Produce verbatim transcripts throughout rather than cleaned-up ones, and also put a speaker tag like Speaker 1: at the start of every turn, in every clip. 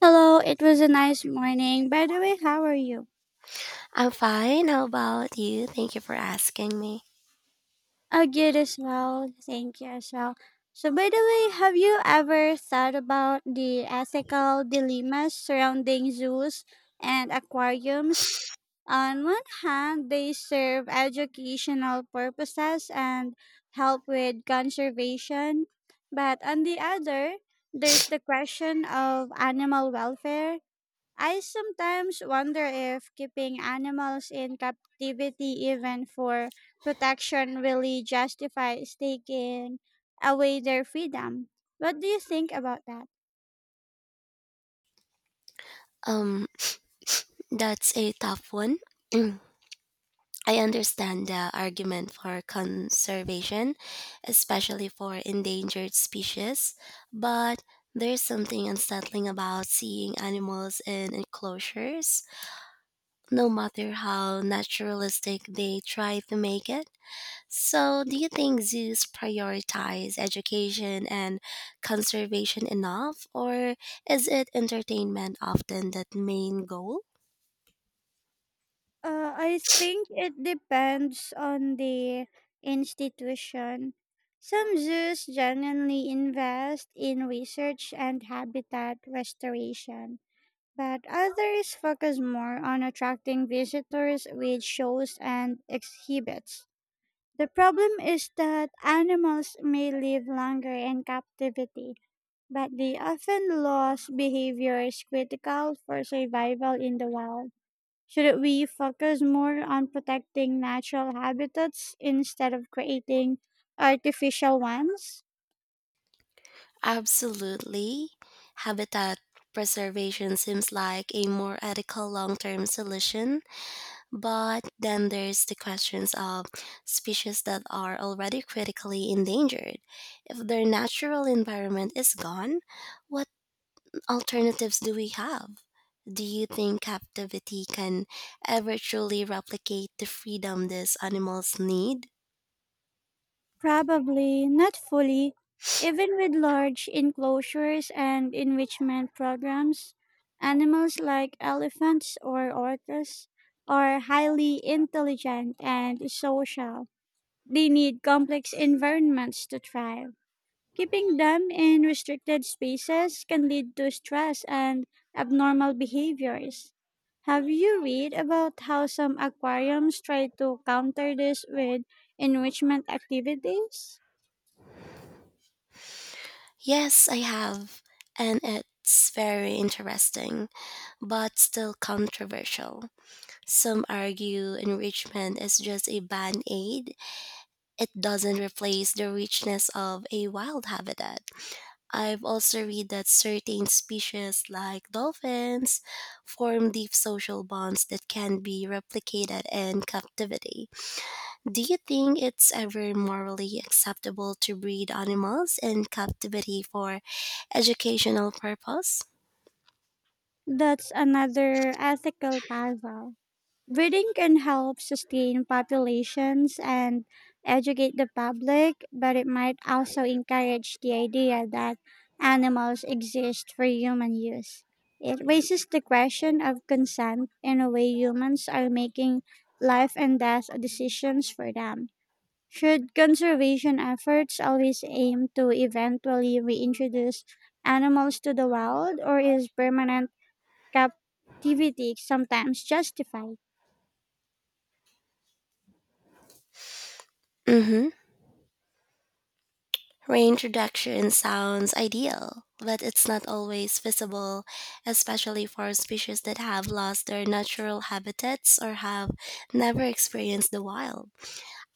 Speaker 1: Hello, it was a nice morning. By the way, how are you?
Speaker 2: I'm fine. How about you? Thank you for asking me.
Speaker 1: Oh, good as well. Thank you as well. So, by the way, have you ever thought about the ethical dilemmas surrounding zoos and aquariums? On one hand, they serve educational purposes and help with conservation, but on the other, there's the question of animal welfare. I sometimes wonder if keeping animals in captivity, even for protection, really justifies taking away their freedom. What do you think about that?
Speaker 2: Um, that's a tough one. I understand the argument for conservation, especially for endangered species, but there's something unsettling about seeing animals in enclosures, no matter how naturalistic they try to make it. So, do you think zoos prioritize education and conservation enough, or is it entertainment often that main goal?
Speaker 1: Uh, I think it depends on the institution. Some zoos genuinely invest in research and habitat restoration, but others focus more on attracting visitors with shows and exhibits. The problem is that animals may live longer in captivity, but the often lose behavior is critical for survival in the wild. Should we focus more on protecting natural habitats instead of creating artificial ones?
Speaker 2: Absolutely. Habitat preservation seems like a more ethical long term solution, but then there's the questions of species that are already critically endangered. If their natural environment is gone, what alternatives do we have? Do you think captivity can ever truly replicate the freedom these animals need?
Speaker 1: Probably not fully. Even with large enclosures and enrichment programs, animals like elephants or orcas are highly intelligent and social. They need complex environments to thrive. Keeping them in restricted spaces can lead to stress and abnormal behaviors. Have you read about how some aquariums try to counter this with enrichment activities?
Speaker 2: Yes, I have, and it's very interesting, but still controversial. Some argue enrichment is just a band aid, it doesn't replace the richness of a wild habitat. I've also read that certain species, like dolphins, form deep social bonds that can be replicated in captivity. Do you think it's ever morally acceptable to breed animals in captivity for educational purpose?
Speaker 1: That's another ethical puzzle. Breeding can help sustain populations and educate the public, but it might also encourage the idea that animals exist for human use. It raises the question of consent in a way humans are making life and death decisions for them. Should conservation efforts always aim to eventually reintroduce animals to the wild, or is permanent captivity sometimes justified?
Speaker 2: Mm-hmm. Reintroduction sounds ideal, but it's not always feasible, especially for species that have lost their natural habitats or have never experienced the wild.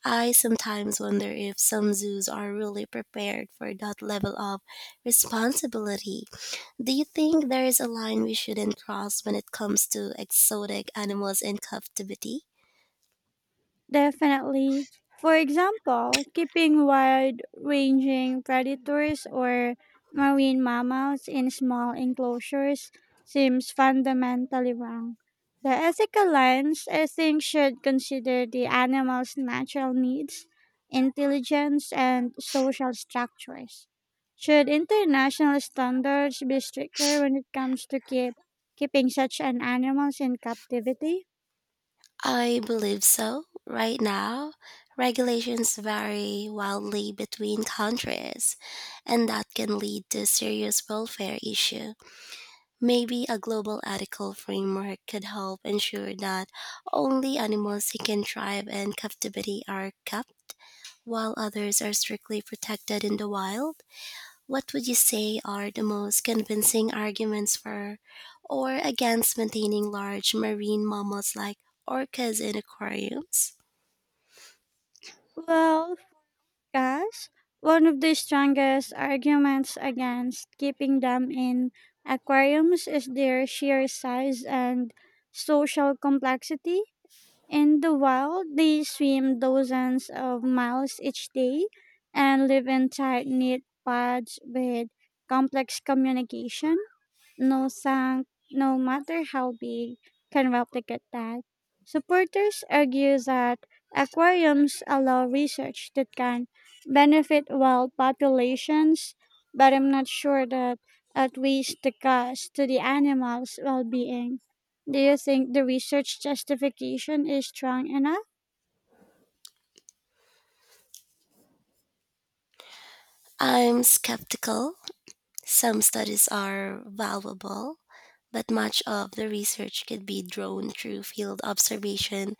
Speaker 2: I sometimes wonder if some zoos are really prepared for that level of responsibility. Do you think there is a line we shouldn't cross when it comes to exotic animals in captivity?
Speaker 1: Definitely. For example, keeping wide ranging predators or marine mammals in small enclosures seems fundamentally wrong. The ethical lens, I think, should consider the animal's natural needs, intelligence, and social structures. Should international standards be stricter when it comes to keep, keeping such an animals in captivity?
Speaker 2: I believe so. Right now, regulations vary wildly between countries, and that can lead to serious welfare issue. Maybe a global ethical framework could help ensure that only animals who can thrive in captivity are kept, while others are strictly protected in the wild. What would you say are the most convincing arguments for or against maintaining large marine mammals like orcas in aquariums?
Speaker 1: Well, yes, one of the strongest arguments against keeping them in aquariums is their sheer size and social complexity. In the wild, they swim dozens of miles each day and live in tight knit pods with complex communication. No sang, no matter how big, can replicate that. Supporters argue that aquariums allow research that can benefit wild populations, but I'm not sure that outweighs the cost to the animals' well being. Do you think the research justification is strong enough?
Speaker 2: I'm skeptical. Some studies are valuable, but much of the research could be drawn through field observation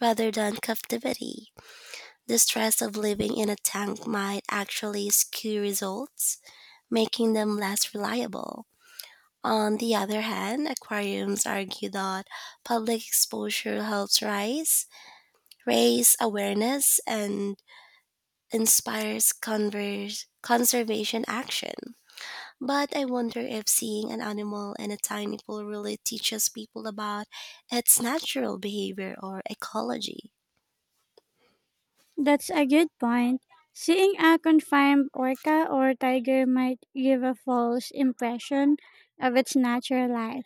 Speaker 2: rather than captivity. The stress of living in a tank might actually skew results, making them less reliable. On the other hand, aquariums argue that public exposure helps rise, raise awareness and inspires converse, conservation action. But I wonder if seeing an animal in a tiny pool really teaches people about its natural behavior or ecology.
Speaker 1: That's a good point. Seeing a confined orca or tiger might give a false impression of its natural life.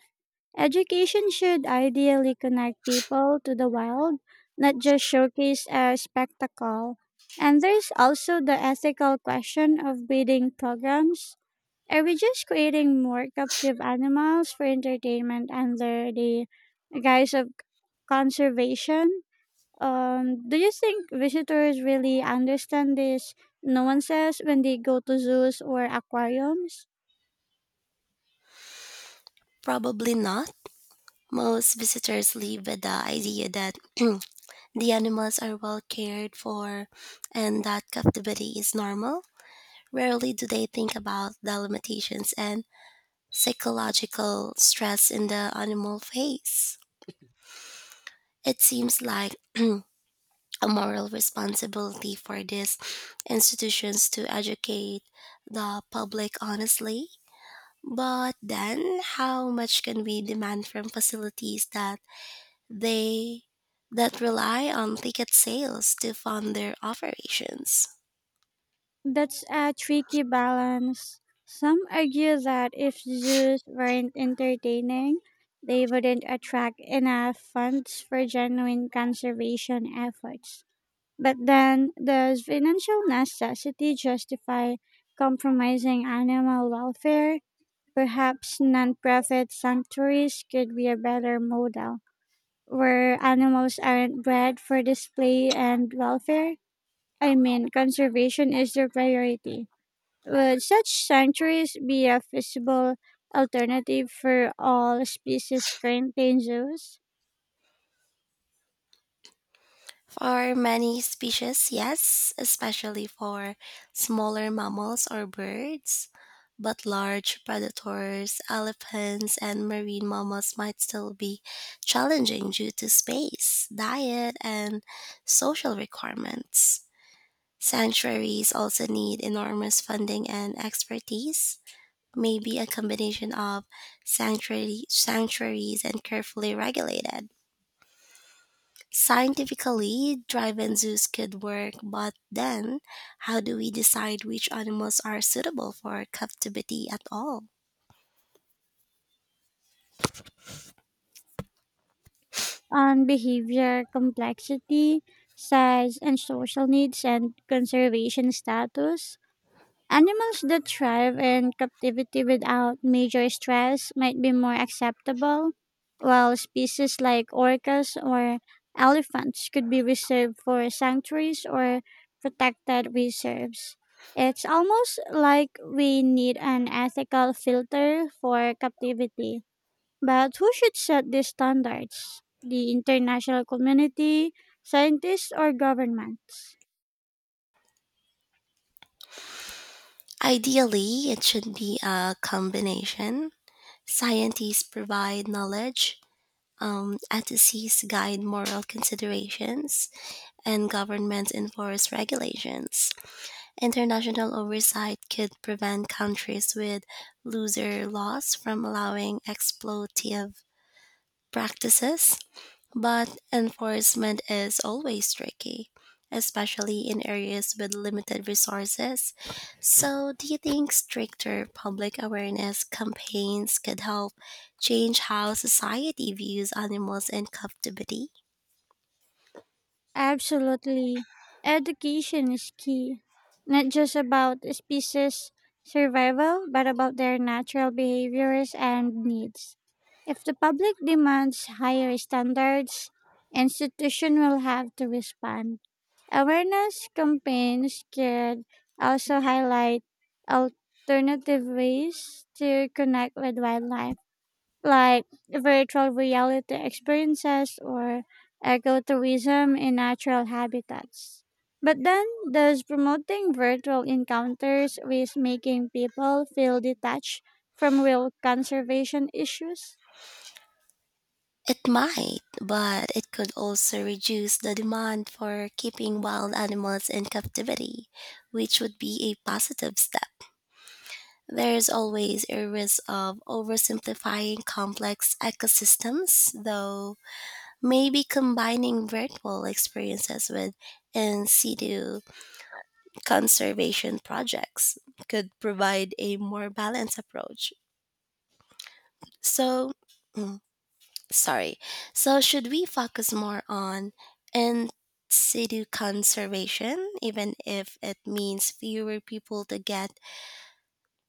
Speaker 1: Education should ideally connect people to the wild, not just showcase a spectacle. And there's also the ethical question of breeding programs. Are we just creating more captive animals for entertainment under the guise of conservation? Um, do you think visitors really understand these nuances when they go to zoos or aquariums?
Speaker 2: Probably not. Most visitors leave with the idea that the animals are well cared for and that captivity is normal. Rarely do they think about the limitations and psychological stress in the animal face. It seems like a moral responsibility for these institutions to educate the public honestly. But then how much can we demand from facilities that they that rely on ticket sales to fund their operations?
Speaker 1: That's a tricky balance. Some argue that if zoos weren't entertaining, they wouldn't attract enough funds for genuine conservation efforts. But then does financial necessity justify compromising animal welfare? Perhaps nonprofit sanctuaries could be a better model where animals aren't bred for display and welfare. I mean, conservation is the priority. Would such sanctuaries be a feasible alternative for all species currently in zoos
Speaker 2: For many species, yes, especially for smaller mammals or birds, but large predators, elephants, and marine mammals might still be challenging due to space, diet, and social requirements. Sanctuaries also need enormous funding and expertise. Maybe a combination of sanctuary, sanctuaries and carefully regulated scientifically, drive-in zoos could work, but then how do we decide which animals are suitable for captivity at all?
Speaker 1: on behavior complexity, size, and social needs and conservation status? Animals that thrive in captivity without major stress might be more acceptable, while species like orcas or elephants could be reserved for sanctuaries or protected reserves. It's almost like we need an ethical filter for captivity. But who should set these standards? The international community, scientists, or governments?
Speaker 2: Ideally, it should be a combination. Scientists provide knowledge, um, ethicists guide moral considerations, and governments enforce regulations. International oversight could prevent countries with looser laws from allowing exploitative practices. But enforcement is always tricky, especially in areas with limited resources. So, do you think stricter public awareness campaigns could help change how society views animals in captivity?
Speaker 1: Absolutely. Education is key, not just about species survival, but about their natural behaviors and needs. If the public demands higher standards, institutions will have to respond. Awareness campaigns could also highlight alternative ways to connect with wildlife, like virtual reality experiences or ecotourism in natural habitats. But then, does promoting virtual encounters risk making people feel detached from real conservation issues?
Speaker 2: It might, but it could also reduce the demand for keeping wild animals in captivity, which would be a positive step. There is always a risk of oversimplifying complex ecosystems, though maybe combining virtual experiences with in situ conservation projects could provide a more balanced approach. So, sorry. So, should we focus more on in situ conservation, even if it means fewer people to get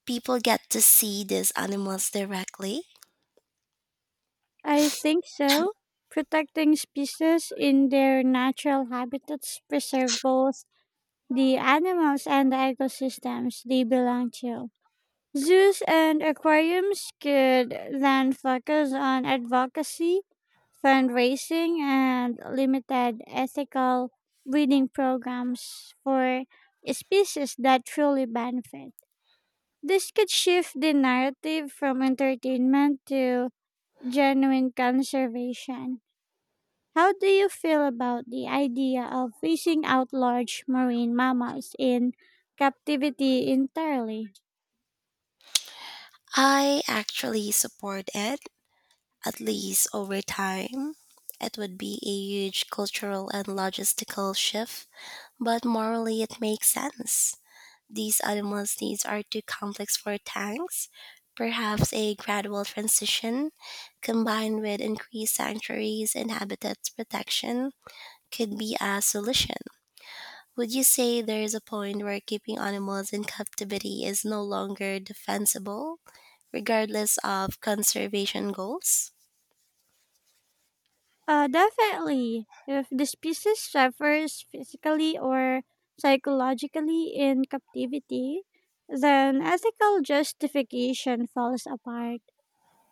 Speaker 2: people get to see these animals directly?
Speaker 1: I think so. Protecting species in their natural habitats preserve both the animals and the ecosystems they belong to. Zoos and aquariums could then focus on advocacy, fundraising, and limited ethical breeding programs for species that truly benefit. This could shift the narrative from entertainment to genuine conservation. How do you feel about the idea of phasing out large marine mammals in captivity entirely?
Speaker 2: I actually support it, at least over time. It would be a huge cultural and logistical shift, but morally it makes sense. These animals' needs are too complex for tanks. Perhaps a gradual transition, combined with increased sanctuaries and habitat protection, could be a solution. Would you say there is a point where keeping animals in captivity is no longer defensible, regardless of conservation goals?
Speaker 1: Uh, definitely. If the species suffers physically or psychologically in captivity, then ethical justification falls apart.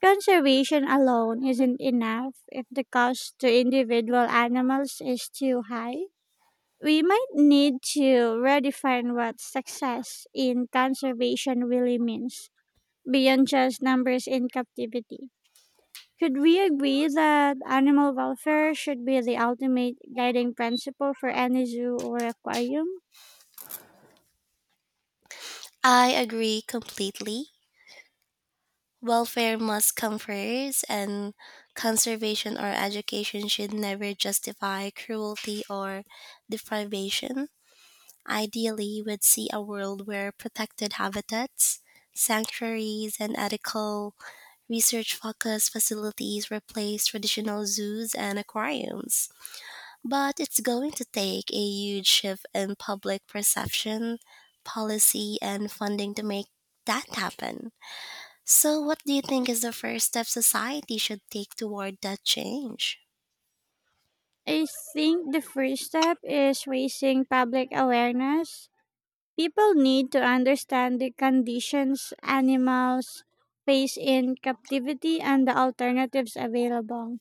Speaker 1: Conservation alone isn't enough if the cost to individual animals is too high. We might need to redefine what success in conservation really means beyond just numbers in captivity. Could we agree that animal welfare should be the ultimate guiding principle for any zoo or aquarium?
Speaker 2: I agree completely. Welfare must come first, and conservation or education should never justify cruelty or deprivation. Ideally, we'd see a world where protected habitats, sanctuaries, and ethical research focused facilities replace traditional zoos and aquariums. But it's going to take a huge shift in public perception, policy, and funding to make that happen. So, what do you think is the first step society should take toward that change?
Speaker 1: I think the first step is raising public awareness. People need to understand the conditions animals face in captivity and the alternatives available.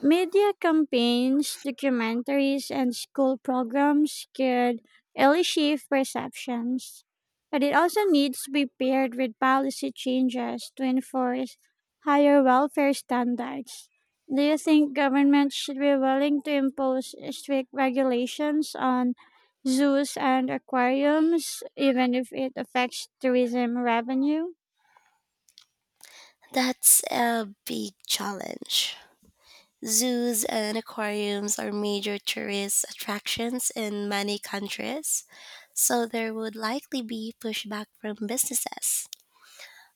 Speaker 1: Media campaigns, documentaries, and school programs can early shift perceptions, but it also needs to be paired with policy changes to enforce higher welfare standards. Do you think governments should be willing to impose strict regulations on zoos and aquariums, even if it affects tourism revenue?
Speaker 2: That's a big challenge. Zoos and aquariums are major tourist attractions in many countries, so there would likely be pushback from businesses.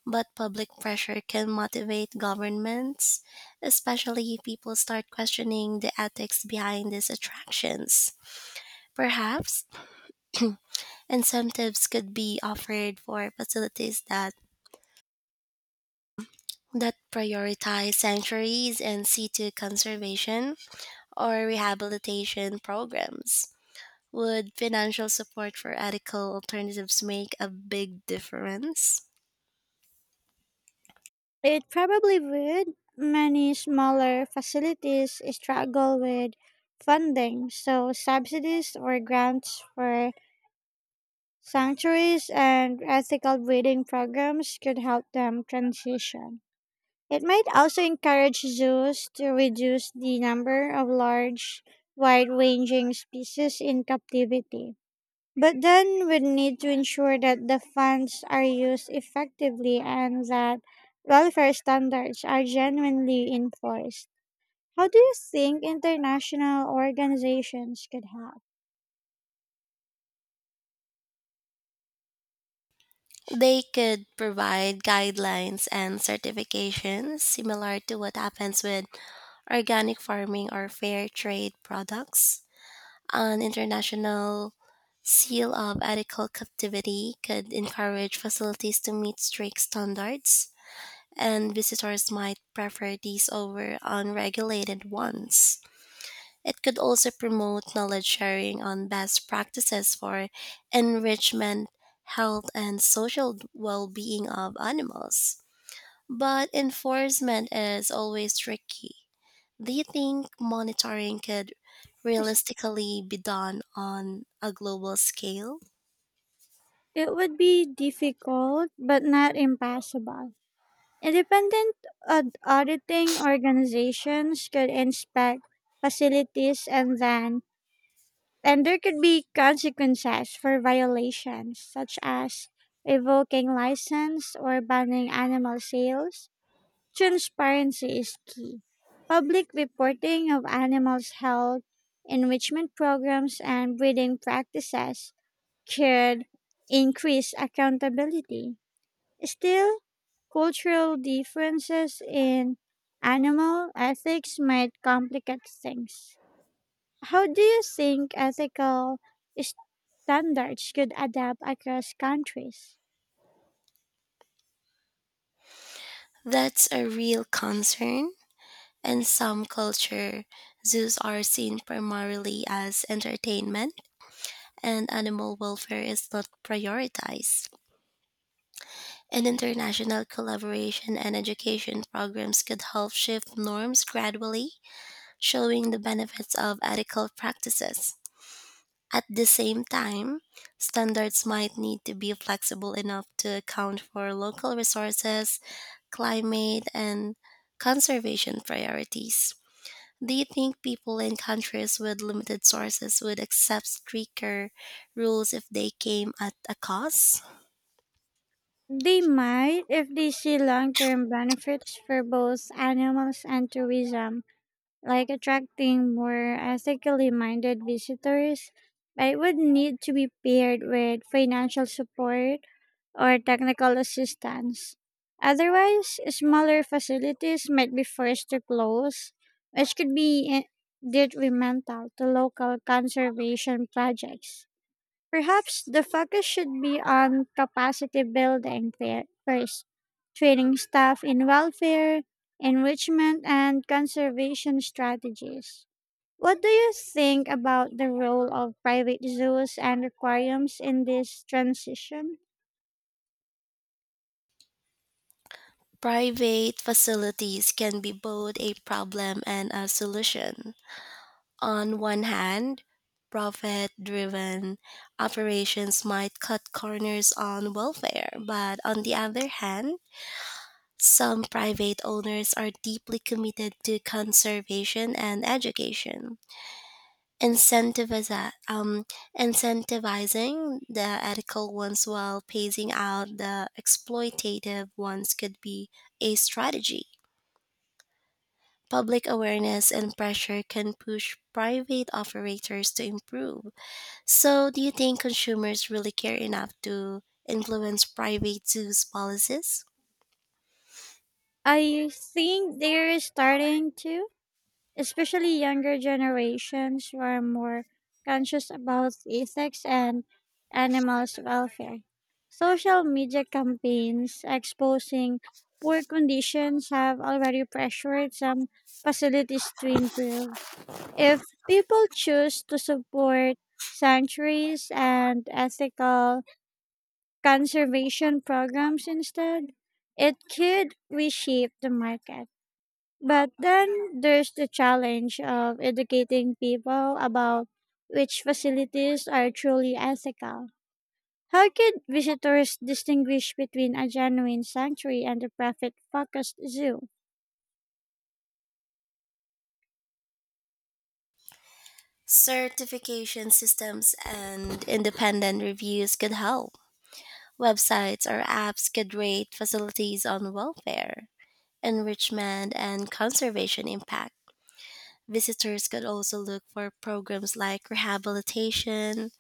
Speaker 2: But public pressure can motivate governments, especially if people start questioning the ethics behind these attractions. Perhaps incentives could be offered for facilities that that prioritize sanctuaries and C two conservation or rehabilitation programs. Would financial support for ethical alternatives make a big difference?
Speaker 1: It probably would. Many smaller facilities struggle with funding, so subsidies or grants for sanctuaries and ethical breeding programs could help them transition. It might also encourage zoos to reduce the number of large, wide ranging species in captivity. But then we need to ensure that the funds are used effectively and that welfare standards are genuinely enforced. How do you think international organizations could help?
Speaker 2: They could provide guidelines and certifications similar to what happens with organic farming or fair trade products. An international seal of ethical captivity could encourage facilities to meet strict standards, and visitors might prefer these over unregulated ones. It could also promote knowledge sharing on best practices for enrichment, health, and social well being of animals. But enforcement is always tricky. Do you think monitoring could
Speaker 1: Is-
Speaker 2: realistically be done on a global scale?
Speaker 1: It would be difficult, but not impossible. Independent aud- auditing organizations could inspect facilities, and then and there could be consequences for violations, such as revoking license or banning animal sales. Transparency is key. Public reporting of animals' health, enrichment programs, and breeding practices could increase accountability. Still, cultural differences in animal ethics might complicate things. How do you think ethical standards could adapt across countries?
Speaker 2: That's a real concern. In some culture, zoos are seen primarily as entertainment, and animal welfare is not prioritized. And international collaboration and education programs could help shift norms gradually, showing the benefits of ethical practices. At the same time, standards might need to be flexible enough to account for local resources, climate, and conservation priorities. Do you think people in countries with limited sources would accept stricter rules if they came at a cost?
Speaker 1: They might if they see long term benefits for both animals and tourism, like attracting more ethically minded visitors, but it would need to be paired with financial support or technical assistance. Otherwise, smaller facilities might be forced to close, which could be eh, detrimental to local conservation projects. Perhaps the focus should be on capacity building fir- first, training staff in welfare, enrichment, and conservation strategies. What do you think about the role of private zoos and aquariums in this transition?
Speaker 2: Private facilities can be both a problem and a solution. On one hand, profit driven operations might cut corners on welfare, but on the other hand, some private owners are deeply committed to conservation and education. Incentiviza- um, Incentivizing the ethical ones while phasing out the exploitative ones could be a strategy. Public awareness and pressure can push private operators to improve. So, do you think consumers really care enough to influence private zoos' policies?
Speaker 1: I think they're starting to, especially younger generations who are more conscious about ethics and animals' welfare. Social media campaigns exposing poor conditions have already pressured some facilities to improve. If people choose to support sanctuaries and ethical conservation programs instead, it could reshape the market. But then there's the challenge of educating people about which facilities are truly ethical. How could visitors distinguish between a genuine sanctuary and a profit focused zoo?
Speaker 2: Certification systems and independent reviews could help. Websites or apps could rate facilities on welfare, enrichment, and conservation impact. Visitors could also look for programs like rehabilitation,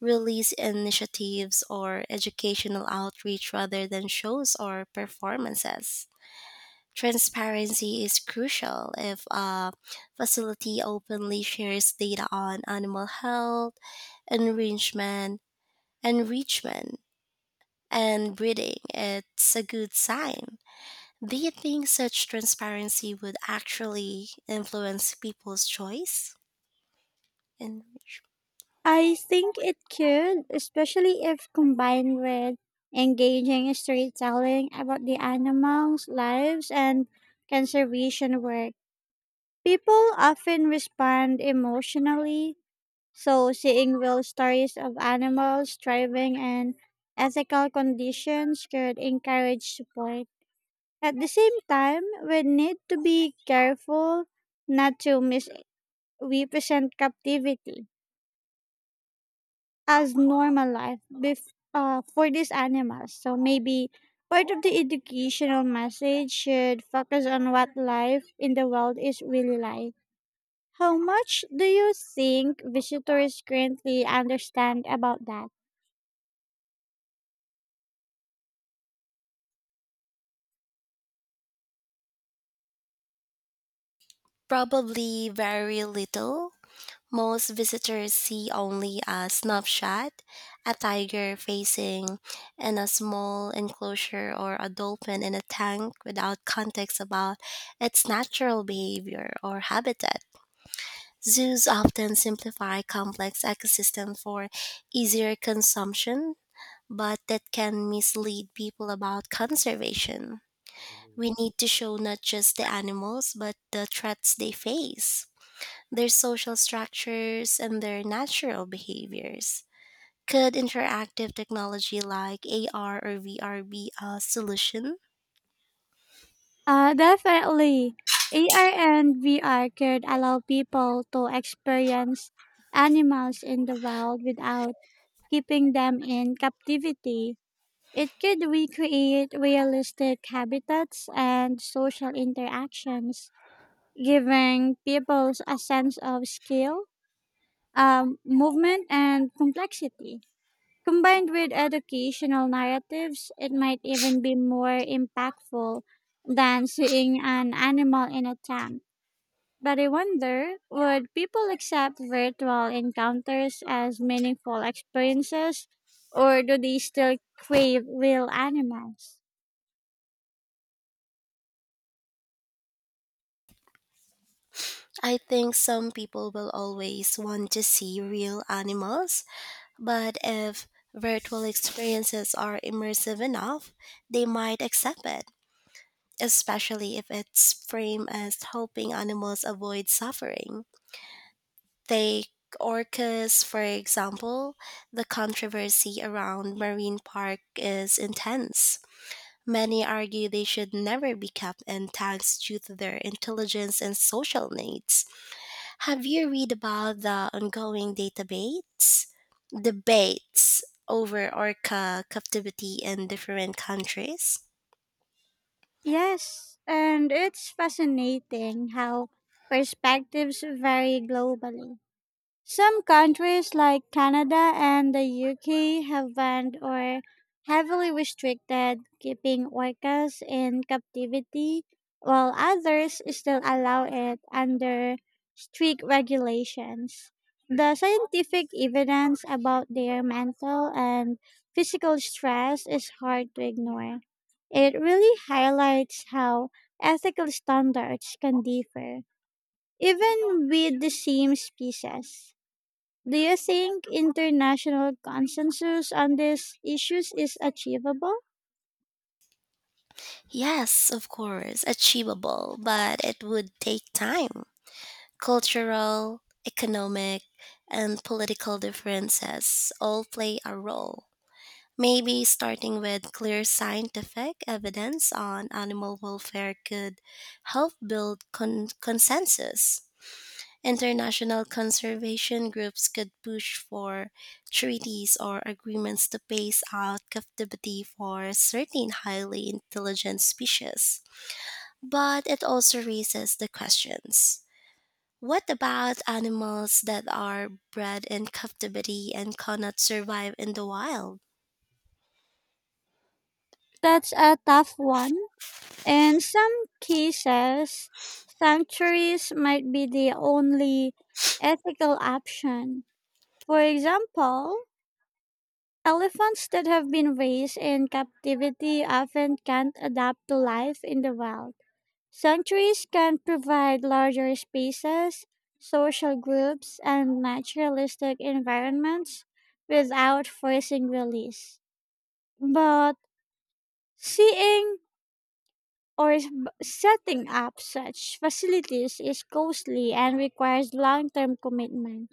Speaker 2: release initiatives or educational outreach rather than shows or performances. Transparency is crucial if a facility openly shares data on animal health, enrichment, enrichment, and breeding. It's a good sign. Do you think such transparency would actually influence people's choice? And
Speaker 1: I think it could, especially if combined with engaging storytelling about the animals' lives and conservation work. People often respond emotionally. So, seeing real stories of animals thriving in ethical conditions could encourage support. At the same time, we need to be careful not to misrepresent captivity as normal life bef- uh, for these animals. So, maybe part of the educational message should focus on what life in the world is really like. How much do you think visitors currently understand about that?
Speaker 2: probably very little. Most visitors see only a snapshot, a tiger facing, and a small enclosure or a dolphin in a tank without context about its natural behavior or habitat. Zoos often simplify complex ecosystems for easier consumption, but that can mislead people about conservation. We need to show not just the animals, but the threats they face their social structures, and their natural behaviors. Could interactive technology like A R or V R be a solution?
Speaker 1: Uh, definitely. A R and V R could allow people to experience animals in the wild without keeping them in captivity. It could recreate realistic habitats and social interactions, giving people a sense of scale, um, movement, and complexity. Combined with educational narratives, it might even be more impactful than seeing an animal in a tank. But I wonder, would people accept virtual encounters as meaningful experiences, or do they still crave real animals?
Speaker 2: I think some people will always want to see real animals, but if virtual experiences are immersive enough, they might accept it, especially if it's framed as helping animals avoid suffering. Take orcas, for example. The controversy around Marine Park is intense. Many argue they should never be kept in tanks due to their intelligence and social needs. Have you read about the ongoing debates? Debates over orca captivity in different countries?
Speaker 1: Yes, and it's fascinating how perspectives vary globally. Some countries like Canada and the U K have banned or heavily restricted keeping orcas in captivity, while others still allow it under strict regulations. The scientific evidence about their mental and physical stress is hard to ignore. It really highlights how ethical standards can differ, even with the same species. Do you think international consensus on these issues is achievable?
Speaker 2: Yes, of course, achievable, but it would take time. Cultural, economic, and political differences all play a role. Maybe starting with clear scientific evidence on animal welfare could help build con- consensus. International conservation groups could push for treaties or agreements to phase out captivity for certain highly intelligent species. But it also raises the questions, what about animals that are bred in captivity and cannot survive in the wild?
Speaker 1: That's a tough one. In some cases, sanctuaries might be the only ethical option. For example, elephants that have been raised in captivity often can't adapt to life in the wild. Sanctuaries can provide larger spaces, social groups, and naturalistic environments without forcing release. But seeing or s- b- setting up such facilities is costly and requires long term commitment.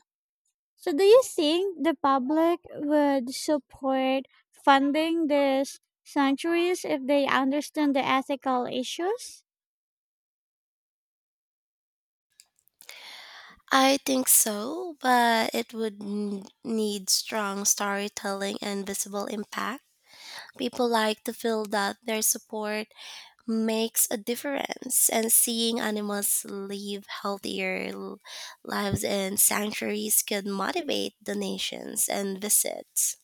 Speaker 1: So, do you think the public would support funding these sanctuaries if they understand the ethical issues?
Speaker 2: I think so, but it would n- need strong storytelling and visible impact. People like to feel that their support makes a difference, and seeing animals live healthier l- lives in sanctuaries could motivate donations and visits.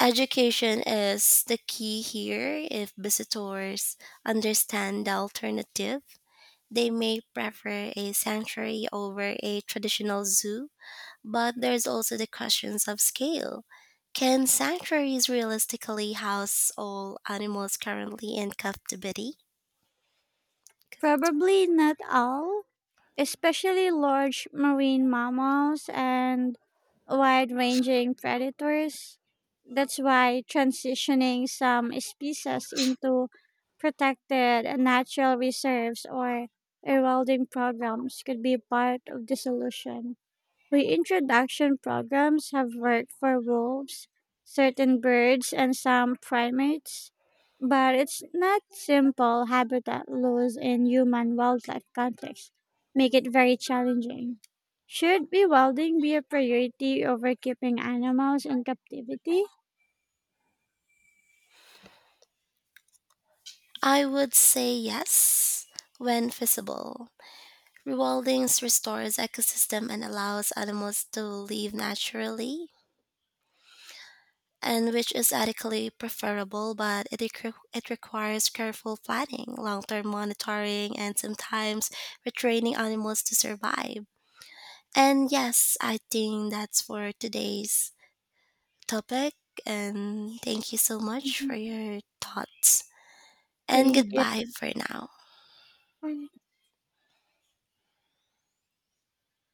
Speaker 2: Education is the key here. If visitors understand the alternative, they may prefer a sanctuary over a traditional zoo, but there's also the questions of scale. Can sanctuaries realistically house all animals currently in captivity?
Speaker 1: Probably not all, especially large marine mammals and wide ranging predators. That's why transitioning some species into protected natural reserves or eroding programs could be part of the solution. Reintroduction programs have worked for wolves, certain birds, and some primates, but it's not simple habitat loss in human wildlife context, make it very challenging. Should rewilding be a priority over keeping animals in captivity?
Speaker 2: I would say yes when feasible. Rewilding restores ecosystem and allows animals to live naturally and which is ethically preferable, but it, requ- it requires careful planning, long term monitoring, and sometimes retraining animals to survive. And yes, I think that's for today's topic. And thank you so much for
Speaker 1: Mhm.
Speaker 2: your thoughts. And
Speaker 1: Thank
Speaker 2: goodbye for now.
Speaker 1: you.